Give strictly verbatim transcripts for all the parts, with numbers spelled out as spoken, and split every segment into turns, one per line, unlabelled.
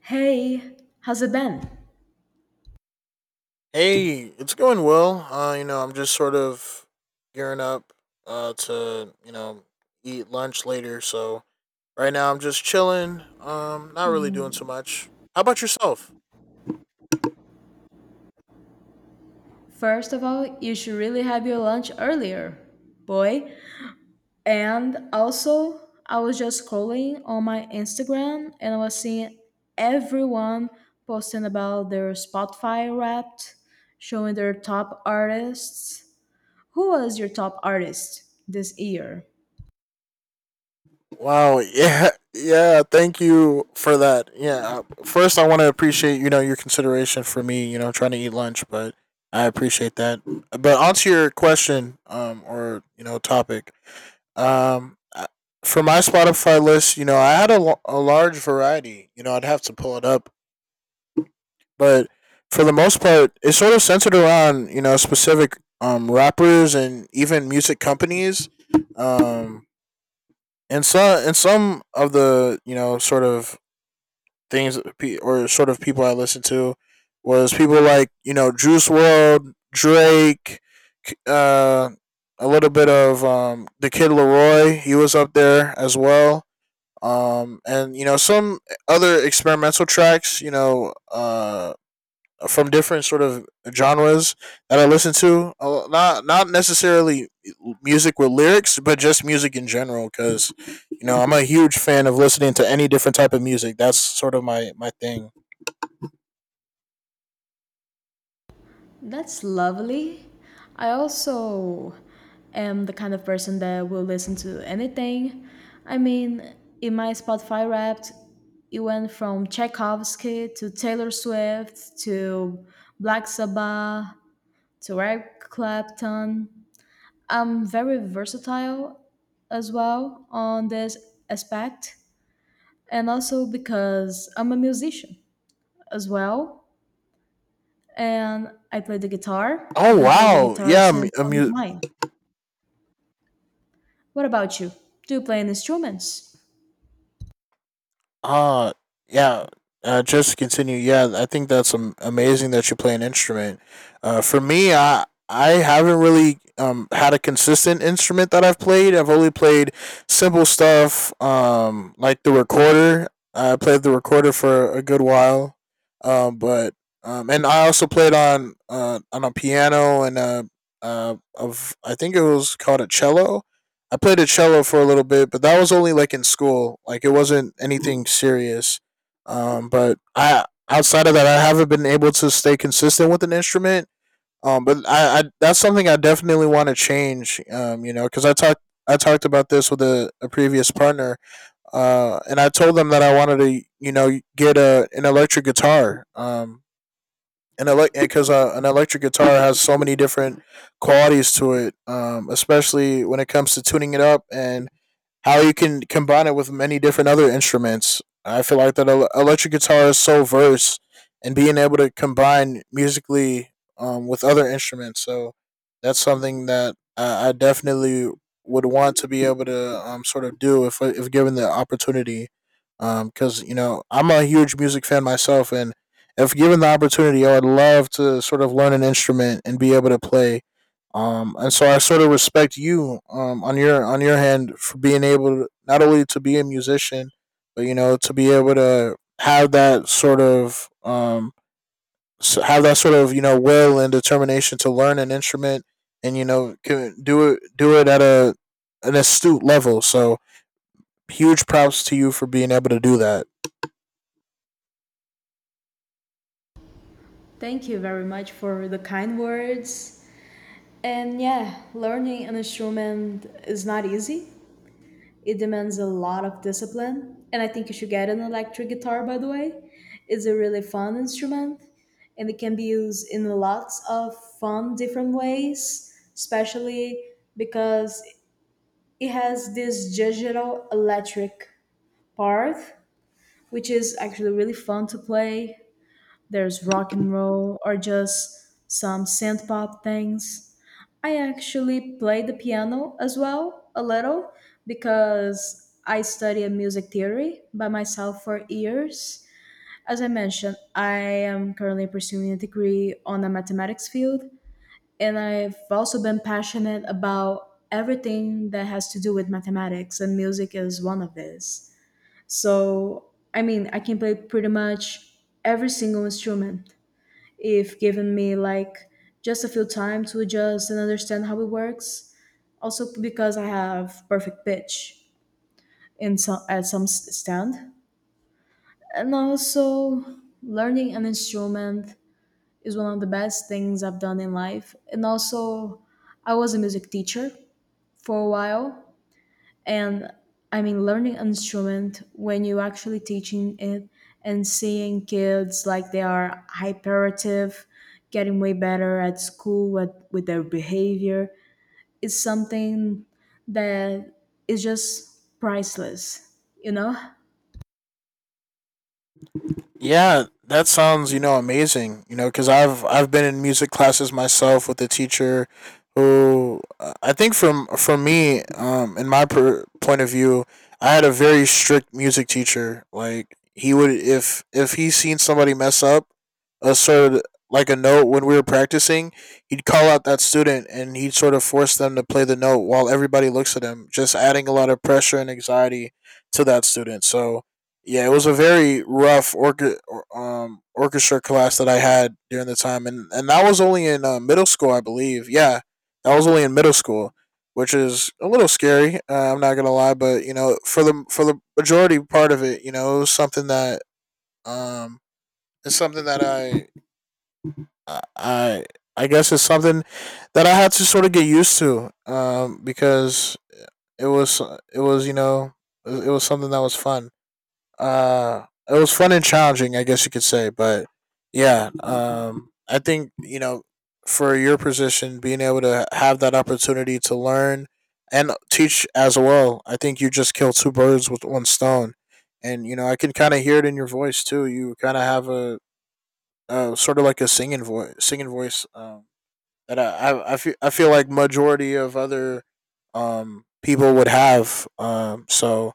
Hey, how's it been?
Hey, it's going well. Uh, you know, I'm just sort of gearing up uh to, you know, eat lunch later. So right now I'm just chilling. Um, not really doing too much. How about yourself?
First of all, you should really have your lunch earlier, boy. And also, I was just scrolling on my Instagram and I was seeing everyone posting about their Spotify wrapped, showing their top artists. Who was your top artist this year?
Wow, yeah. Yeah, thank you for that. Yeah. uh, First I want to appreciate, you know, your consideration for me, you know, trying to eat lunch, but I appreciate that. But onto your question um or, you know, topic. Um, I- for my Spotify list, you know, I had a, l- a large variety. You know, I'd have to pull it up, but for the most part, it's sort of centered around you know specific um rappers and even music companies. Um, and some and some of the you know sort of things that pe- or sort of people I listened to was people like you know Juice World, Drake, K- uh, a little bit of um the Kid Leroy. He was up there as well. Um, and you know some other experimental tracks, you know, uh, from different sort of genres that I listen to. Uh, Not not necessarily music with lyrics, but just music in general. Because you know I'm a huge fan of listening to any different type of music. That's sort of my my thing.
That's lovely. I also am the kind of person that will listen to anything. I mean, in my Spotify Wrapped, it went from Tchaikovsky to Taylor Swift to Black Sabbath to Eric Clapton. I'm very versatile as well on this aspect, and also because I'm a musician as well, and I play the guitar.
Oh
I've been playing the
wow,
guitar
yeah,
since I was
mu-
nine. What about you? Do you play any instruments?
Uh yeah. Uh, just to continue, yeah, I think that's am- amazing that you play an instrument. Uh, for me, I I haven't really um had a consistent instrument that I've played. I've only played simple stuff, um, like the recorder. I played the recorder for a good while, um, but um, and I also played on uh on a piano and a uh of I think it was called a cello. I played a cello for a little bit, but that was only like in school. Like it wasn't anything serious. Um, but I Outside of that, I haven't been able to stay consistent with an instrument. Um, but I, I That's something I definitely want to change. Um, you know, because I talked I talked about this with a, a previous partner. Uh, and I told them that I wanted to you know get a an electric guitar. Um, and elec because uh, An electric guitar has so many different qualities to it, um, especially when it comes to tuning it up and how you can combine it with many different other instruments. I feel like that el- electric guitar is so versed and being able to combine musically, um, with other instruments. So that's something that I, I definitely would want to be able to, um, sort of do if if given the opportunity. Because you know I'm a huge music fan myself, and if given the opportunity, I would love to sort of learn an instrument and be able to play. Um, and so I sort of respect you, um, on your on your hand for being able to not only to be a musician, but you know to be able to have that sort of, um, have that sort of you know will and determination to learn an instrument and you know can do it do it at a an astute level. So huge props to you for being able to do that.
Thank you very much for the kind words. And yeah, learning an instrument is not easy. It demands a lot of discipline. And I think you should get an electric guitar, by the way. It's a really fun instrument and it can be used in lots of fun, different ways, especially because it has this digital electric part, which is actually really fun to play. There's rock and roll or just some synth pop things. I actually play the piano as well a little because I studied music theory by myself for years. As I mentioned, I am currently pursuing a degree on the mathematics field, and I've also been passionate about everything that has to do with mathematics, and music is one of these. So, I mean, I can play pretty much every single instrument if given me like just a few time to adjust and understand how it works. Also because I have perfect pitch in some at some s- stand, and also learning an instrument is one of the best things I've done in life. And also, I was a music teacher for a while, and I mean learning instrument when you actually teaching it and seeing kids like they are hyperactive getting way better at school with, with their behavior is something that is just priceless, you know?
Yeah, that sounds you know amazing. You know, because I've I've been in music classes myself with a teacher who, uh, I think from for me, um, in my per- point of view, I had a very strict music teacher. Like he would, if if he seen somebody mess up a sort of like a note when we were practicing, he'd call out that student and he'd sort of force them to play the note while everybody looks at him, just adding a lot of pressure and anxiety to that student. So yeah, it was a very rough orca- um, orchestra class that I had during the time, and and that was only in, uh, middle school, I believe. Yeah, that was only in middle school, which is a little scary. Uh, I'm not gonna lie, but you know, for the for the majority part of it, you know, it was something that, um, it's something that I I. I I guess it's something that I had to sort of get used to, um, because it was it was you know it was something that was fun. Uh, it was fun and challenging, I guess you could say. But yeah, um, I think you know, for your position, being able to have that opportunity to learn and teach as well, I think you just killed two birds with one stone. And you know, I can kind of hear it in your voice too. You kind of have a, a sort of like a singing voice, singing voice, um, that I, I I feel I feel like majority of other, um people would have. Um, so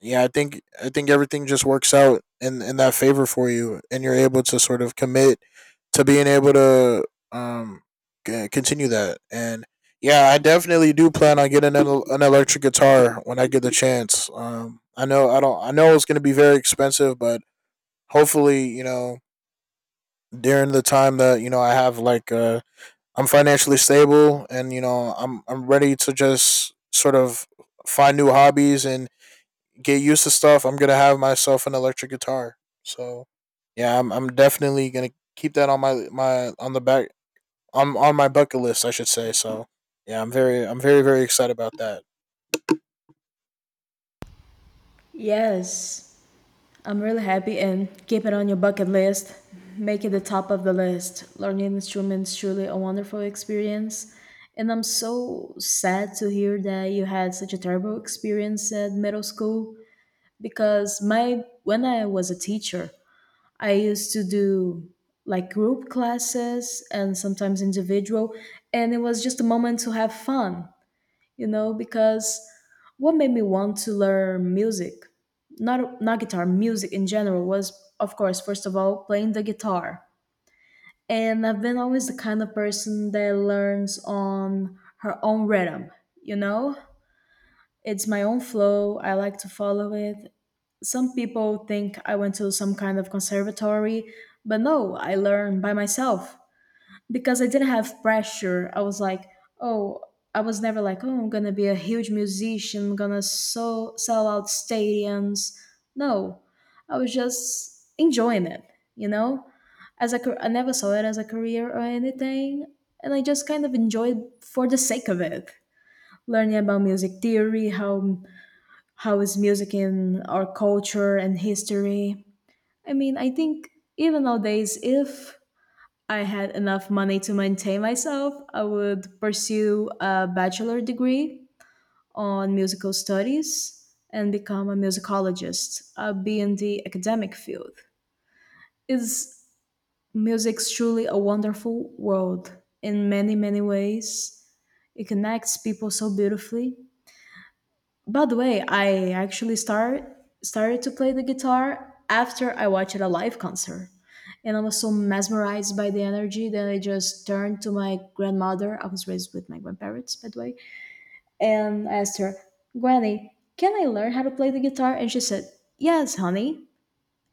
yeah, i think i think everything just works out in in that favor for you and you're able to sort of commit to being able to, um c- continue that. And yeah, I definitely do plan on getting an, el- an electric guitar when I get the chance. Um, I know I don't I know it's going to be very expensive, but hopefully you know during the time that you know I have, like, uh I'm financially stable and you know i'm i'm ready to just sort of find new hobbies and get used to stuff. I'm gonna have myself an electric guitar. So yeah, I'm I'm definitely gonna keep that on my my on the back on on my bucket list, I should say. So yeah, I'm very I'm very very excited about that.
Yes, I'm really happy and keep it on your bucket list. Make it the top of the list. Learning instruments truly a wonderful experience. And I'm so sad to hear that you had such a terrible experience at middle school because my when I was a teacher, I used to do like group classes and sometimes individual and it was just a moment to have fun, you know, because what made me want to learn music, not not guitar, music in general was of course first of all playing the guitar. And I've been always the kind of person that learns on her own rhythm, you know? It's my own flow, I like to follow it. Some people think I went to some kind of conservatory, but no, I learned by myself because I didn't have pressure. I was like, oh, I was never like, oh, I'm gonna be a huge musician, I'm gonna so sell out stadiums. No, I was just enjoying it, you know. As a, car- I never saw it as a career or anything, and I just kind of enjoyed for the sake of it, learning about music theory, how how is music in our culture and history. I mean, I think even nowadays, if I had enough money to maintain myself, I would pursue a bachelor degree on musical studies and become a musicologist. I'd be in the academic field. Is music's truly a wonderful world in many, many ways. It connects people so beautifully. By the way, I actually start started to play the guitar after I watched a live concert. And I was so mesmerized by the energy that I just turned to my grandmother. I was raised with my grandparents, by the way. And I asked her, "Granny, can I learn how to play the guitar?" And she said, "Yes, honey."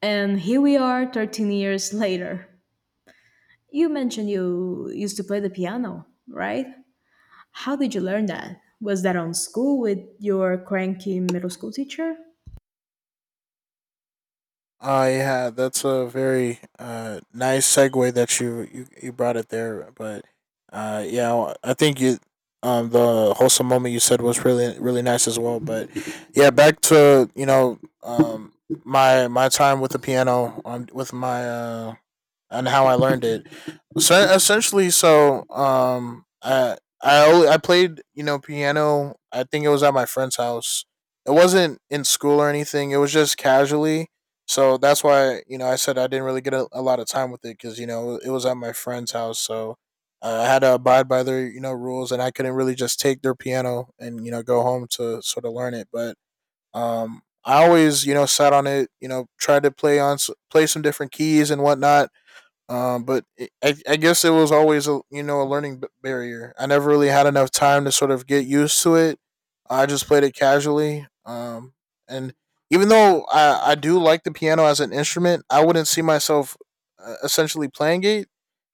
And here we are thirteen years later. You mentioned you used to play the piano, right? How did you learn that? Was that on school with your cranky middle school teacher?
Uh yeah, that's a very uh nice segue that you you, you brought it there. But uh yeah, well, I think you, um the wholesome moment you said was really really nice as well. But yeah, back to you know, um my my time with the piano on with my, uh and how I learned it. So essentially, so um, I I only I played you know piano. I think it was at my friend's house. It wasn't in school or anything. It was just casually. So that's why you know I said I didn't really get a, a lot of time with it because you know it was at my friend's house. So, uh, I had to abide by their you know rules, and I couldn't really just take their piano and you know go home to sort of learn it. But um, I always you know sat on it, you know tried to play on play some different keys and whatnot, um, but it, I, I guess it was always a you know a learning b- barrier. I never really had enough time to sort of get used to it. I just played it casually. Um, and even though I I do like the piano as an instrument, I wouldn't see myself, uh, essentially playing it.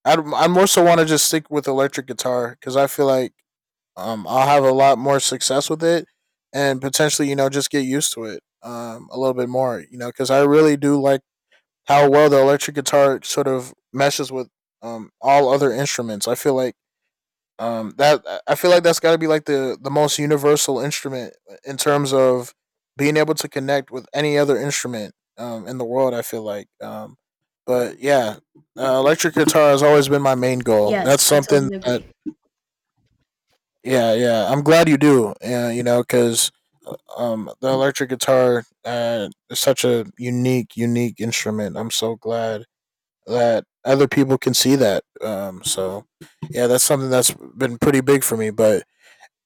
I'd, I more so want to just stick with electric guitar because I feel like, um I'll have a lot more success with it and potentially you know just get used to it um a little bit more you know because I really do like how well the electric guitar sort of meshes with, um all other instruments. I feel like, um that I feel like that's got to be like the the most universal instrument in terms of being able to connect with any other instrument, um, in the world. I feel like um But yeah, uh, electric guitar has always been my main goal.
Yes,
That's
I
something
totally
that
agree.
yeah, yeah, I'm glad you do. Yeah, you know because, um the electric guitar, uh, is such a unique unique instrument. I'm so glad that other people can see that. Um, so yeah, that's something that's been pretty big for me. But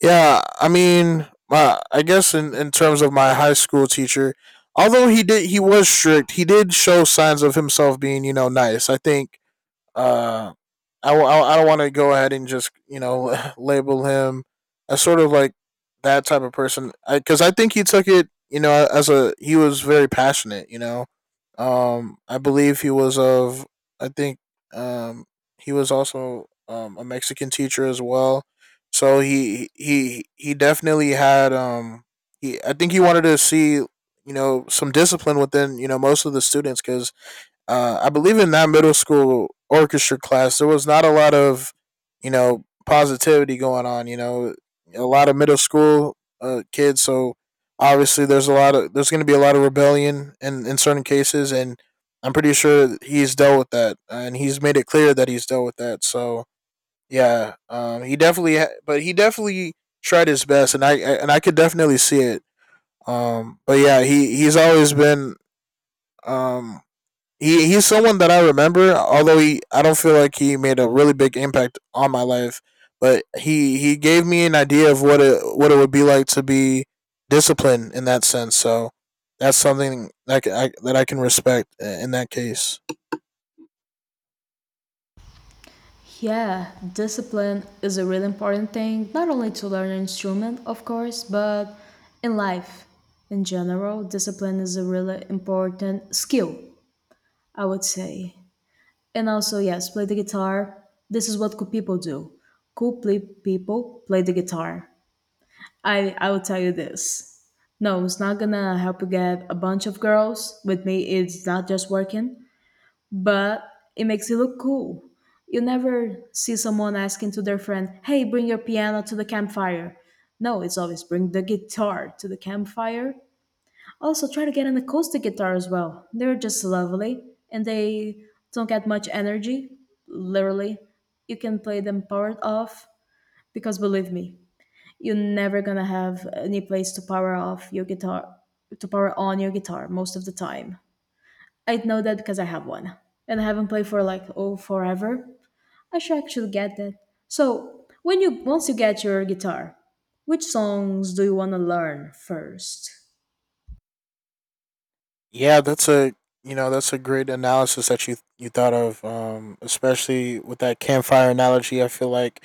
yeah, I mean, my, I guess in, in terms of my high school teacher, although he did he was strict, he did show signs of himself being you know nice. I think, uh, I, w- I don't want to go ahead and just you know label him as sort of like that type of person because I, I think he took it you know as a he was very passionate you know, um I believe he was of, I think um he was also, um a Mexican teacher as well. So he he he definitely had, um he I think he wanted to see you know some discipline within you know most of the students because, uh, I believe in that middle school orchestra class, there was not a lot of, you know, positivity going on. You know, a lot of middle school uh, kids, so obviously there's a lot of there's going to be a lot of rebellion in in certain cases, and I'm pretty sure he's dealt with that, and he's made it clear that he's dealt with that. So yeah, um, he definitely, ha- but he definitely tried his best, and I and I could definitely see it. Um, but yeah, he he's always been um he he's someone that I remember, although he I don't feel like he made a really big impact on my life, but he he gave me an idea of what it what it would be like to be disciplined in that sense. So that's something that I, that I can respect uh, in that case.
Yeah, discipline is a really important thing, not only to learn an instrument, of course, but in life in general. Discipline is a really important skill, I would say. And also, yes, play the guitar. This is what cool people do. Cool play people play the guitar. I, I will tell you this. No, it's not gonna help you get a bunch of girls. With me, it's not just working. But it makes it look cool. You never see someone asking to their friend, "Hey, bring your piano to the campfire." No, it's always bring the guitar to the campfire. Also, try to get an acoustic guitar as well. They're just lovely and they don't get much energy. Literally, you can play them powered off because believe me, you're never gonna have any place to power off your guitar to power on your guitar most of the time. I know that because I have one and I haven't played for like oh forever. I should actually get that. So when you once you get your guitar, which songs do you want to learn first?
Yeah, that's a you know that's a great analysis that you you thought of, um, especially with that campfire analogy. I feel like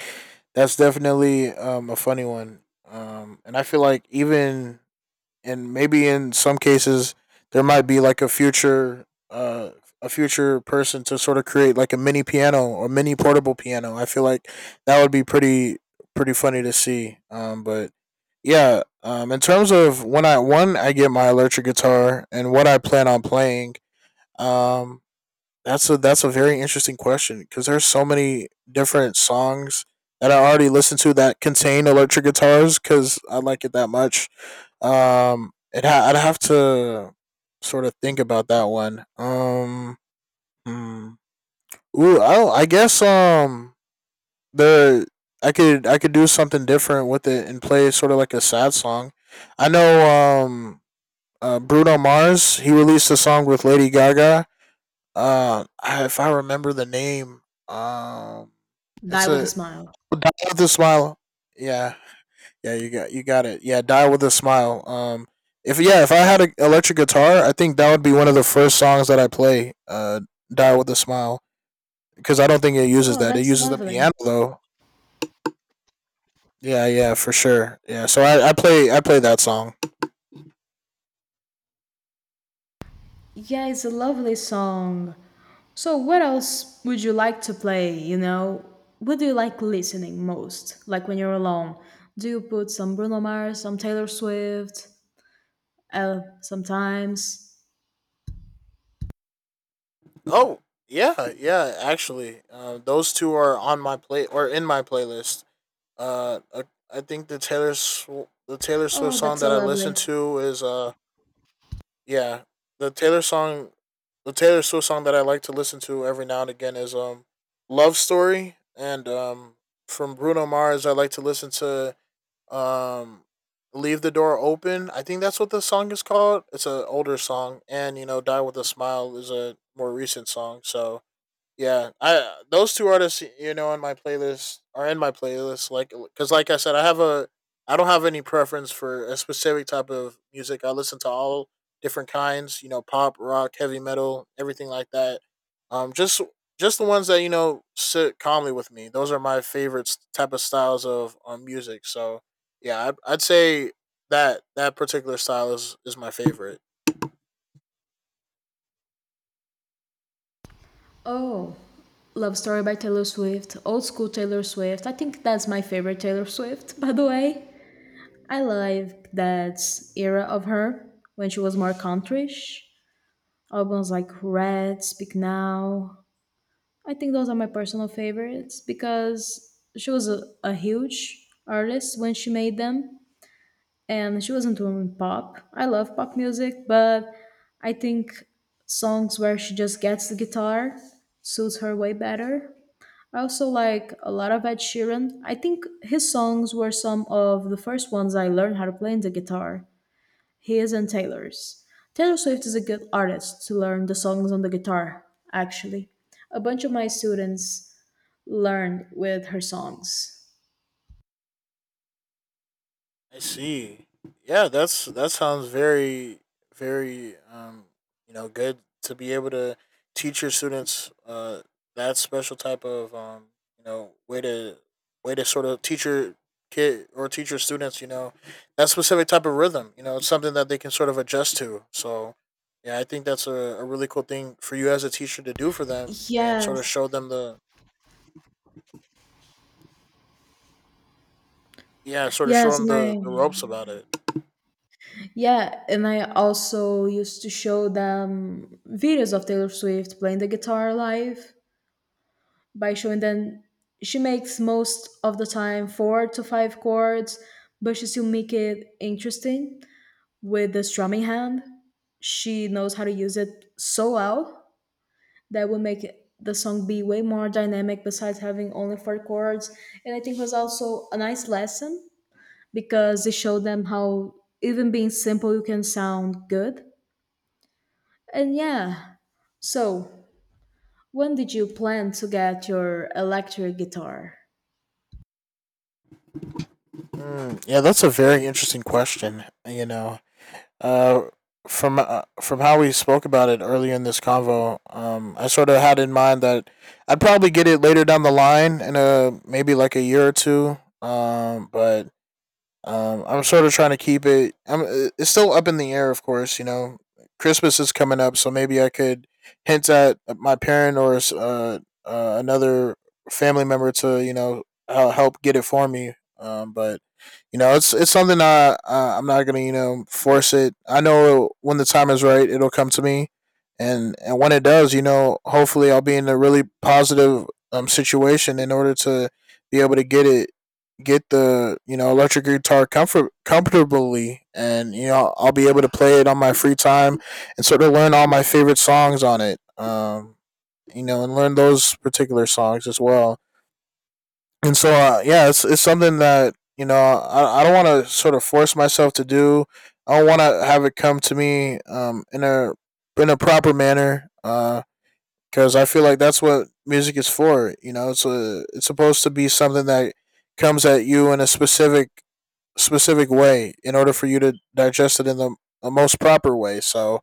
that's definitely um, a funny one, um, and I feel like even and maybe in some cases there might be like a future uh, a future person to sort of create like a mini piano or mini portable piano. I feel like that would be pretty pretty funny to see. Um, but yeah, um, in terms of when I when I get my electric guitar and what I plan on playing, um, that's a that's a very interesting question because there's so many different songs that I already listened to that contain electric guitars because I like it that much. Um, it ha- I'd have to sort of think about that one. Um, hmm. ooh, I I guess um the I could I could do something different with it and play sort of like a sad song. I know um uh, Bruno Mars, he released a song with Lady Gaga. Um, I, if I remember the name, um, it's
Die with a
a
smile.
die with a smile. Yeah, yeah, you got you got it. Yeah, die with a smile. Um, if yeah, if I had an electric guitar, I think that would be one of the first songs that I play. Uh, die with a smile, because I don't think it uses
Oh,
that. It
that's
uses the
lovely.
piano though. Yeah, yeah, for sure. Yeah, so I, I play I play that song.
Yeah, it's a lovely song. So what else would you like to play, you know? What do you like listening most? Like when you're alone? Do you put some Bruno Mars, some Taylor Swift? Uh, sometimes.
Oh yeah, yeah. Actually, uh, those two are on my play or in my playlist. Uh, I, I think the Taylor Sw- the Taylor Swift
Oh,
song
that's
that
so
I listen
lovely.
to is uh Yeah, the Taylor song, the Taylor Swift song that I like to listen to every now and again is um "Love Story," and um from Bruno Mars, I like to listen to um "Leave the Door Open." I think that's what the song is called. It's an older song, and you know, "Die with a Smile" is a more recent song. So yeah, I those two artists, you know, in my playlist are in my playlist. Like, because like I said, I have a, I don't have any preference for a specific type of music. I listen to all different kinds, you know, pop, rock, heavy metal, everything like that. Um, just just the ones that you know sit calmly with me. Those are my favorite type of styles of um, music. So yeah, I'd, I'd say that that particular style is is my favorite.
Oh, Love Story by Taylor Swift, Old School Taylor Swift. I think that's my favorite Taylor Swift, by the way. I like that era of her when she was more countryish. Albums like Red, Speak Now. I think those are my personal favorites because she was a, a huge artist when she made them and she wasn't doing pop. I love pop music, but I think songs where she just gets the guitar suits her way better. I also like a lot of Ed Sheeran. I think his songs were some of the first ones I learned how to play the guitar. His and Taylor's. Taylor Swift is a good artist to learn the songs on the guitar, actually. A bunch of my students learned with her songs.
I see. Yeah, that's that sounds very very um you know good to be able to teach your students uh that special type of um you know way to way to sort of teach your kid or teach your students, you know, that specific type of rhythm. You know, it's something that they can sort of adjust to. So yeah, I think that's a, a really cool thing for you as a teacher to do for them and sort of
Yes.
show them the yeah sort of show
Yes,
them
and
the, the
I
ropes about it.
yeah, and I also used to show them videos of Taylor Swift playing the guitar live. By showing them she makes most of the time four to five chords, but she still make it interesting with the strumming hand. She knows how to use it so well that will make the song be way more dynamic besides having only four chords. And I think it was also a nice lesson because it showed them how even being simple you can sound good. And yeah, so when did you plan to get your electric guitar?
Mm, yeah, that's a very interesting question. You know, Uh, from uh, from how we spoke about it earlier in this convo, um, I sort of had in mind that I'd probably get it later down the line in a maybe like a year or two. Um, but um, I'm sort of trying to keep it. I'm, uh, it's still up in the air, of course. You know, Christmas is coming up, so maybe I could hint at uh, my parent or uh, uh, another family member to you know uh, help get it for me. Um, but you know, it's it's something I uh, I'm not gonna you know force it. I know when the time is right, it'll come to me, and and when it does, you know, hopefully I'll be in a really positive um situation in order to be able to get it get the you know electric guitar comfort comfortably, and you know I'll be able to play it on my free time and sort of learn all my favorite songs on it. Um, you know, and learn those particular songs as well. And so, uh, yeah, it's it's something that you know I I don't want to sort of force myself to do. I don't want to have it come to me um, in a in a proper manner. Uh, because uh, I feel like that's what music is for. You know, it's a, it's supposed to be something that comes at you in a specific specific way in order for you to digest it in the, the most proper way. So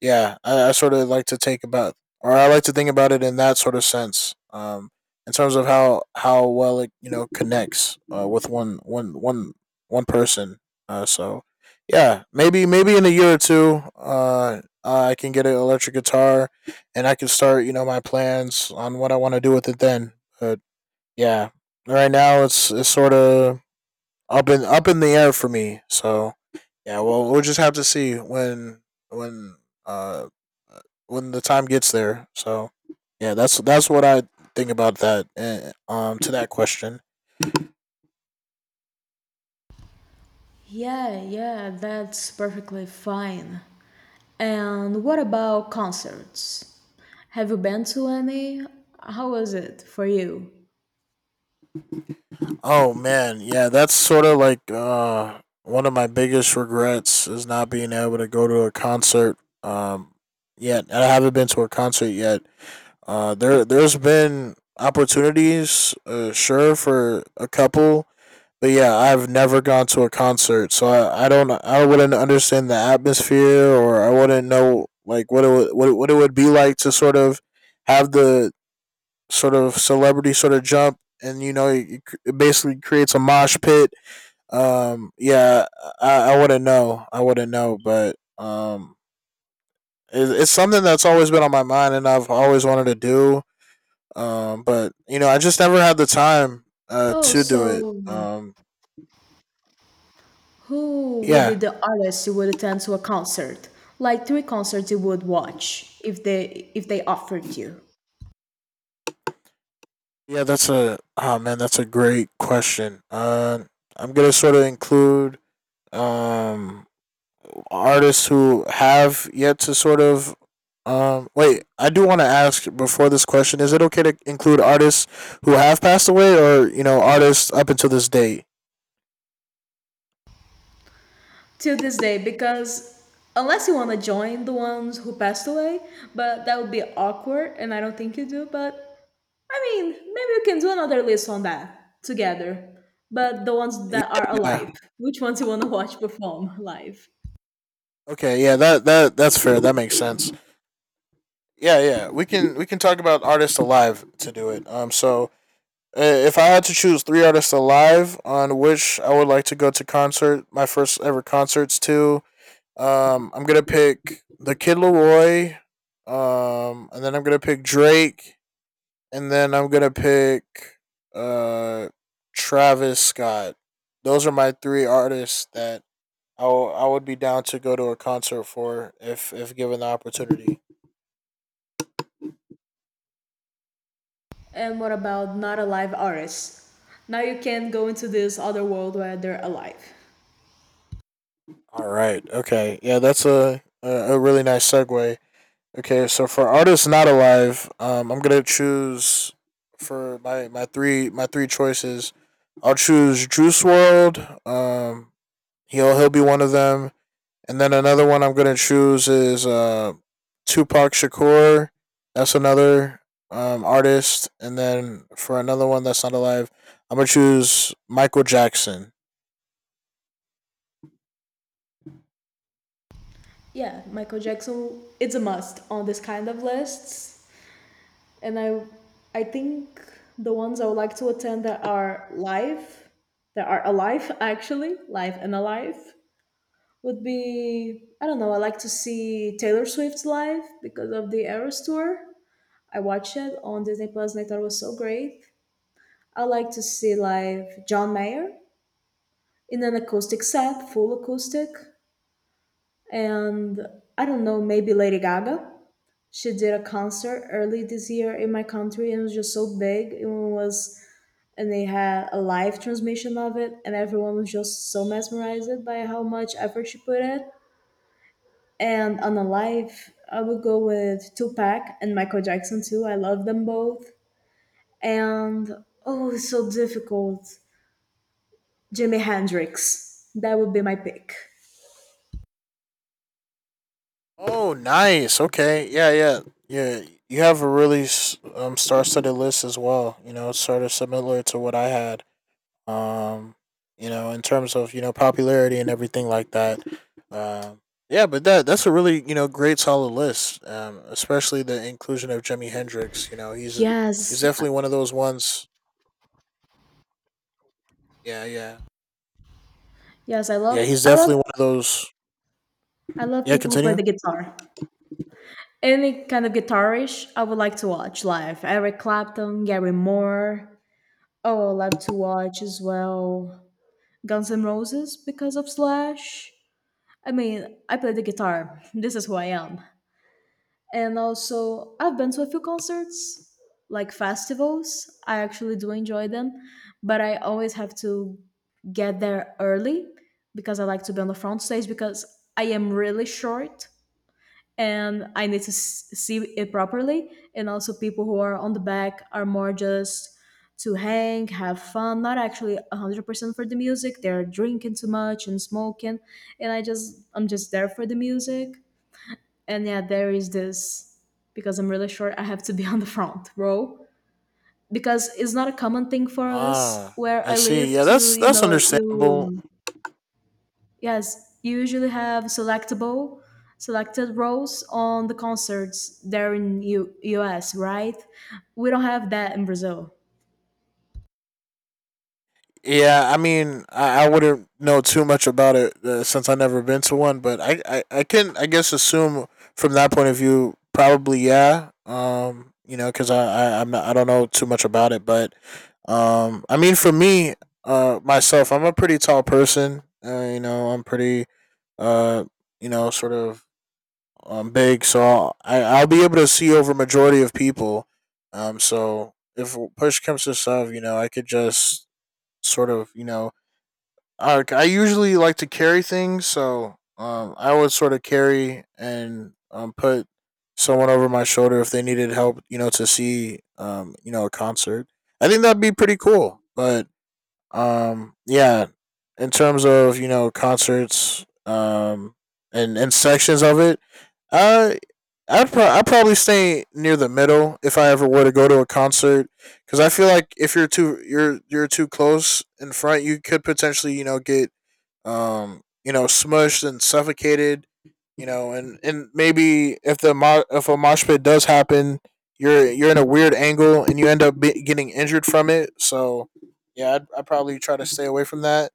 yeah, I, I sort of like to take about or I like to think about it in that sort of sense. Um, in terms of how how well it you know connects uh, with one one one one person. Uh, so yeah, maybe maybe in a year or two, uh, I can get an electric guitar, and I can start you know my plans on what I want to do with it then. But yeah, right now it's it's sort of up in up in the air for me. So yeah, well, we'll just have to see when when uh when the time gets there. So yeah, that's that's what I think about that. Eh, Um, to that question.
Yeah, yeah, that's perfectly fine. And what about concerts? Have you been to any? How was it for you?
Oh man, yeah, that's sort of like uh one of my biggest regrets is not being able to go to a concert. Um, yet I haven't been to a concert yet. Uh, there there's been opportunities, uh, sure, for a couple. But yeah, I've never gone to a concert, so I, I don't, I wouldn't understand the atmosphere, or I wouldn't know like what it would, what it, what it would be like to sort of have the sort of celebrity sort of jump, and you know it, it basically creates a mosh pit. Um, yeah, I, I wouldn't know, I wouldn't know, but um, it, it's something that's always been on my mind, and I've always wanted to do. Um, but you know, I just never had the time uh
Oh,
to do it.
so
Um,
who would be
yeah,
the artist you would attend to a concert? Like three concerts you would watch if they if they offered you.
yeah, that's a oh man, that's a great question. Uh, I'm gonna sort of include um artists who have yet to sort of um wait, I do want to ask before this question, is it okay to include artists who have passed away or, you know, artists up until this day?
Till this day, because unless you want to join the ones who passed away, but that would be awkward, and I don't think you do. But I mean, maybe we can do another list on that together. But the ones
Yeah.
that are alive.
Yeah.
Which ones you want to watch perform live?
Okay, yeah, that that that's fair. That makes sense. Yeah, yeah. We can we can talk about artists alive to do it. Um, so uh, if I had to choose three artists alive on which I would like to go to concert, my first ever concerts to, um, I'm gonna pick the Kid Laroi, um, and then I'm gonna pick Drake, and then I'm gonna pick uh Travis Scott. Those are my three artists that I w- I would be down to go to a concert for if if given the opportunity.
And what about not alive artists? Now you can go into this other world where they're alive.
All right. Okay. Yeah, that's a a, a really nice segue. Okay, so for artists not alive, um, I'm gonna choose for my, my three my three choices. I'll choose Juice World. Um, he'll he'll be one of them, and then another one I'm gonna choose is uh, Tupac Shakur. That's another um, artist, and then for another one that's not alive, I'm gonna choose Michael Jackson.
Yeah, Michael Jackson it's a must on this kind of lists. And I I think the ones I would like to attend that are live, that are alive actually, live and alive, would be I don't know. I like to see Taylor Swift live because of the Eras tour. I watched it on Disney Plus and I thought it was so great. I like to see live John Mayer in an acoustic set, full acoustic, and I don't know, maybe Lady Gaga. She did a concert early this year in my country and it was just so big. It was and they had a live transmission of it and everyone was just so mesmerized by how much effort she put in. And on a live, I would go with Tupac and Michael Jackson too. I love them both. And oh, it's so difficult. Jimi Hendrix. That would be my pick.
Oh, nice. Okay. Yeah, yeah, yeah. You have a really s- um star-studded list as well. You know, it's sort of similar to what I had. Um, you know, in terms of you know popularity and everything like that. Um, yeah, but that that's a really you know great solid list. Um, especially the inclusion of Jimi Hendrix. You know, he's he's
Yes,
definitely one of those ones. Yeah, yeah,
yes, I
yeah.
love,
He's
I love,
definitely one of those.
I love
Yeah,
people who play
continue.
the guitar. Any kind of guitarish, I would like to watch live. Eric Clapton, Gary Moore. Oh, I love to watch as well. Guns N' Roses because of Slash. I mean, I play the guitar. This is who I am. And also I've been to a few concerts, like festivals. I actually do enjoy them, but I always have to get there early because I like to be on the front stage because I am really short and I need to s- see it properly. And also, people who are on the back are more just to hang, have fun, not actually one hundred percent for the music. They're drinking too much and smoking, and I just I'm just there for the music. And yeah, there is this because I'm really sure I have to be on the front row because it's not a common thing for us
Ah,
where
I
I live
see. Yeah,
to,
that's
you
that's
know,
understandable.
you yes, you usually have selectable selected roles on the concerts there in U- US, right? We don't have that in Brazil.
Yeah, I mean, I, I wouldn't know too much about it uh, since I never been to one, but I, I, I can I guess assume from that point of view, probably yeah. Um, you know, because I, I I'm not, I don't know too much about it, but um, I mean, for me, uh, myself, I'm a pretty tall person. Uh, you know, I'm pretty uh, you know, sort of um big, so I'll, I I'll be able to see over majority of people. Um, so if push comes to shove, you know, I could just sort of you know uh, I usually like to carry things, so um, I would sort of carry and um, put someone over my shoulder if they needed help, you know, to see, um, you know, a concert. I think that'd be pretty cool. But um, yeah, in terms of you know concerts um, and and sections of it, uh, I'd pro- I'd probably stay near the middle if I ever were to go to a concert, because I feel like if you're too you're you're too close in front, you could potentially you know get um you know smushed and suffocated, you know, and and maybe if the mo- if a mosh pit does happen, you're you're in a weird angle and you end up be- getting injured from it. So yeah, I'd, I'd probably try to stay away from that.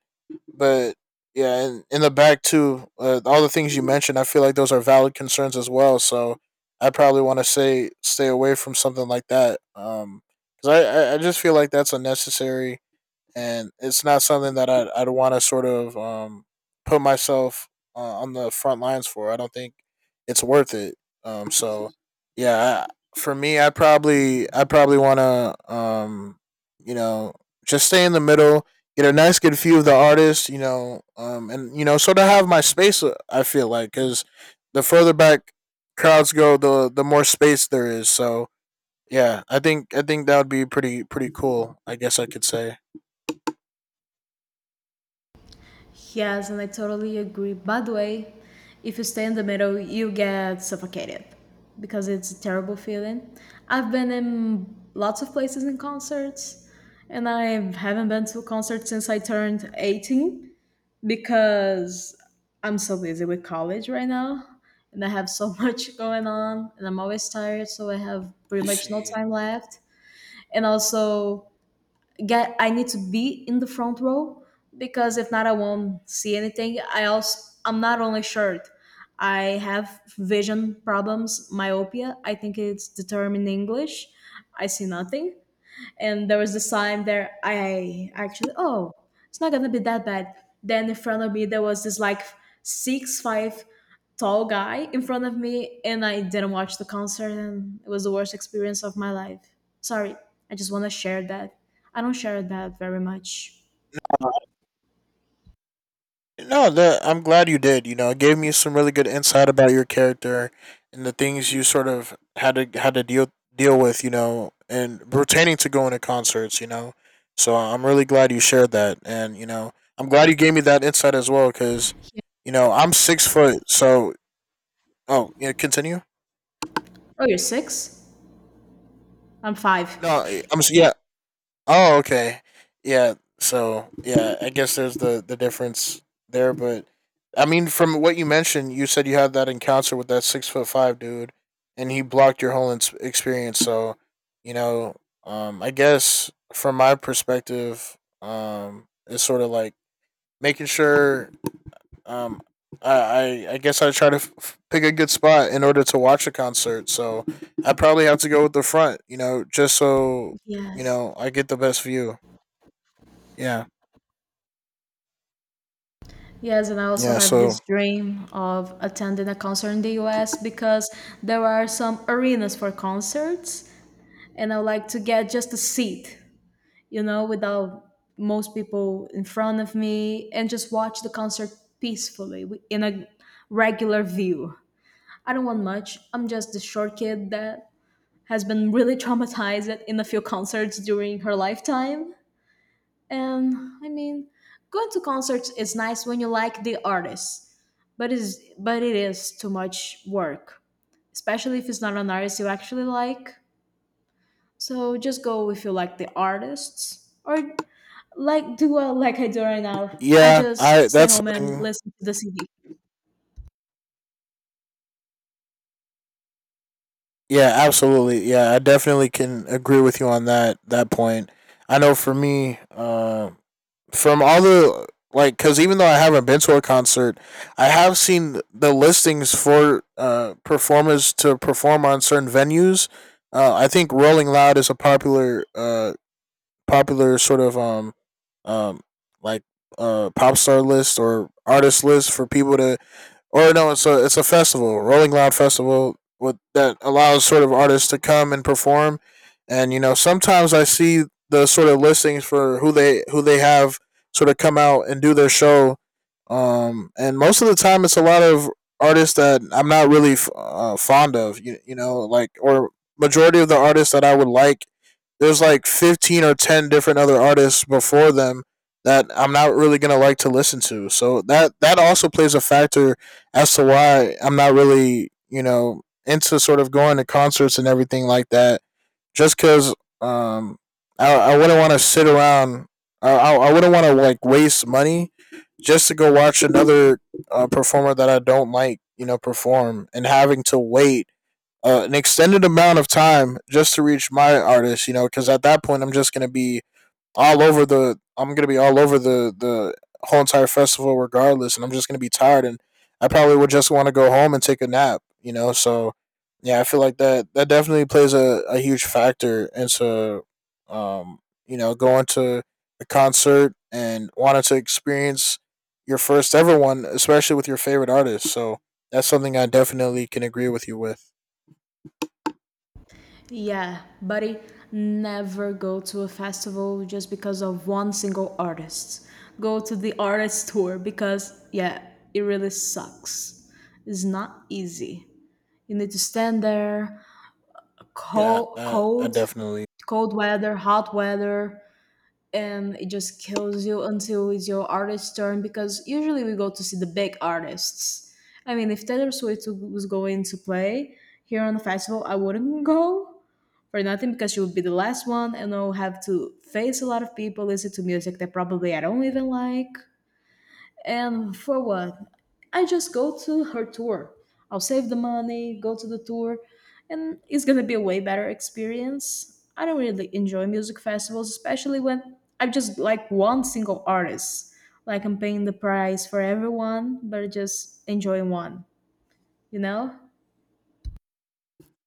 But yeah, and in the back too, uh, all the things you mentioned, I feel like those are valid concerns as well. So I probably want to say stay away from something like that, because I I, I just feel like that's unnecessary, and it's not something that I'd, I'd want to sort of um, put myself uh, on the front lines for. I don't think it's worth it. Um, so yeah, I, for me, I probably I probably want to um, you know just stay in the middle, get a nice good view of the artist, you know, um, and you know sort of have my space. uh, I feel like because the further back crowds go, the the more space there is. So. Yeah, I think I think that would be pretty pretty cool. I guess I could say.
Yes, and I totally agree. By the way, if you stay in the middle, you get suffocated because it's a terrible feeling. I've been in lots of places in concerts, and I haven't been to a concert since I turned eighteen because I'm so busy with college right now and I have so much going on, and I'm always tired, so I have pretty
I
much no
see.
time left. And also, get I need to be in the front row because if not I won't see anything. I also I'm not only short. I have vision problems, myopia. I think it's determined in English. I see nothing, and there was this time there I actually, oh, it's not gonna be that bad. Then in front of me there was this like six five tall guy in front of me, and I didn't watch the concert, and it was the worst experience of my life. Sorry, I just want to share that. I don't share that very much.
No, the I'm glad you did. You know, it gave me some really good insight about your character and the things you sort of had to had to deal deal with. You know, and pertaining to going to concerts. You know, so I'm really glad you shared that, and you know, I'm glad you gave me that insight as well, because you know I'm six foot, so oh yeah, continue.
Oh, you're six, I'm five.
No, I'm s- yeah. Oh, okay. Yeah. So yeah, I guess there's the the difference there, but I mean, from what you mentioned, you said you had that encounter with that six foot five dude, and he blocked your whole ins- experience. So, you know, um, I guess from my perspective, um, it's sort of like making sure, um, I I, I guess I try to f- f- pick a good spot in order to watch a concert. So I probably have to go with the front, you know, just so you
Yes.
know I get the best view. Yeah.
Yes, and I also
Yeah.
have
So
this dream of attending a concert in the U S because there are some arenas for concerts, and I would like to get just a seat, you know, without most people in front of me and just watch the concert peacefully wi- in a regular view. I don't want much. I'm just the short kid that has been really traumatized in a few concerts during her lifetime. And I mean, going to concerts is nice when you like the artist, but is but it is too much work, especially if it's not an artist you actually like. So just go if you like the artists, or like do uh, like I do right now. I
yeah, I
just stay
that's
home and
something.
listen to the C D.
Yeah, absolutely. Yeah, I definitely can agree with you on that that point. I know for me, uh, from all the like, because even though I haven't been to a concert, I have seen the listings for uh, performers to perform on certain venues. Uh, I think Rolling Loud is a popular, uh, popular sort of um, um, like uh, pop star list or artist list for people to, or no, it's a it's a festival, Rolling Loud Festival, with, that allows sort of artists to come and perform. And you know, sometimes I see the sort of listings for who they who they have sort of come out and do their show. Um, and most of the time, it's a lot of artists that I'm not really f- uh, fond of. You, you know, like, or majority of the artists that I would like, there's like fifteen or ten different other artists before them that I'm not really gonna like to listen to. So that that also plays a factor as to why I'm not really, you know, into sort of going to concerts and everything like that. Just because um, I, I wouldn't want to sit around, I, I wouldn't want to like waste money just to go watch another uh, performer that I don't like, you know, perform and having to wait uh, an extended amount of time just to reach my artist, you know, because at that point I'm just going to be all over the. I'm gonna be all over the the whole entire festival regardless, and I'm just gonna be tired, and I probably would just want to go home and take a nap. You know, so yeah, I feel like that that definitely plays a, a huge factor into um you know going to a concert and wanting to experience your first ever one, especially with your favorite artist. So that's something I definitely can agree with you with.
Yeah, buddy, never go to a festival just because of one single artist. Go to the artist tour, because yeah, it really sucks. It's not easy. You need to stand there,
Yeah,
cold,
I, I
cold,
definitely.
cold weather, hot weather, and it just kills you until it's your artist's turn, because usually we go to see the big artists. I mean, if Taylor Swift was going to play here on the festival, I wouldn't go for nothing, because she would be the last one and I'll have to face a lot of people, listen to music that probably I don't even like. And for what? I just go to her tour. I'll save the money, go to the tour, and it's gonna be a way better experience. I don't really enjoy music festivals, especially when I just like one single artist. Like I'm paying the price for everyone, but just enjoying one, you know?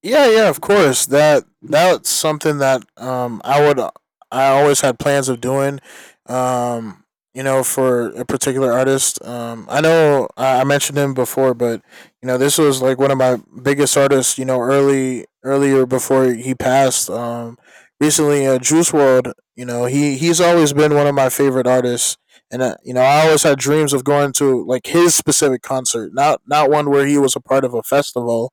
Yeah, yeah, of course. That that's something that um I would I always had plans of doing. Um, you know, for a particular artist. Um, I know I I mentioned him before, but you know, this was like one of my biggest artists. You know, early earlier before he passed. Um, recently, uh, Juice World. You know, he he's always been one of my favorite artists. And uh, you know, I always had dreams of going to like his specific concert, not not one where he was a part of a festival,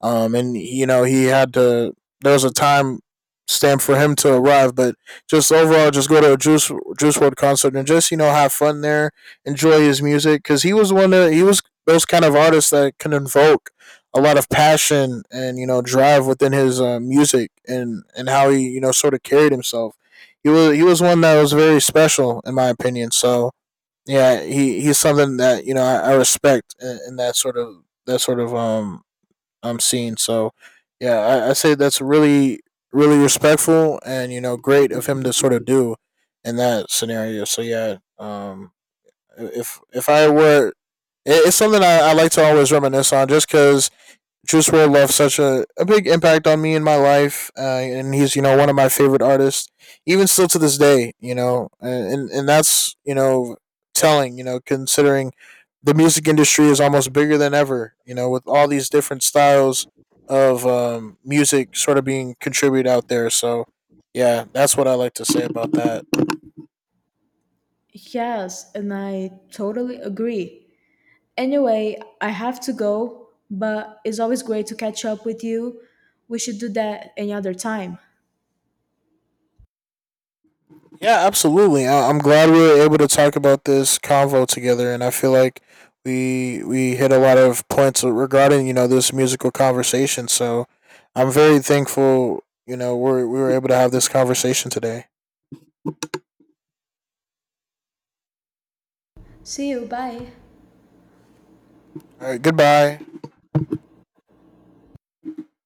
um, and you know he had to. There was a time stamp for him to arrive, but just overall, just go to a Juice Juice World concert and just you know have fun there, enjoy his music because he was one of he was those kind of artists that can invoke a lot of passion and you know drive within his uh, music and and how he you know sort of carried himself. He was he was one that was very special in my opinion. So yeah, he he's something that you know I, I respect in, in that sort of that sort of um um scene. So yeah, I, I say that's really really respectful and you know great of him to sort of do in that scenario. So yeah, um, if if I were, it, it's something I, I like to always reminisce on, just because Juice World left such a, a big impact on me in my life, uh, and he's you know one of my favorite artists, even still to this day. You know, and and that's you know telling. You know, considering the music industry is almost bigger than ever. You know, with all these different styles of um, music sort of being contributed out there. So yeah, that's what I like to say about that.
Yes, and I totally agree. Anyway, I have to go, but it's always great to catch up with you. We should do that any other time.
Yeah, absolutely. I- I'm glad we were able to talk about this convo together, and I feel like we we hit a lot of points regarding you know this musical conversation. So I'm very thankful. You know, we we were able to have this conversation today.
See you, bye.
All right, goodbye.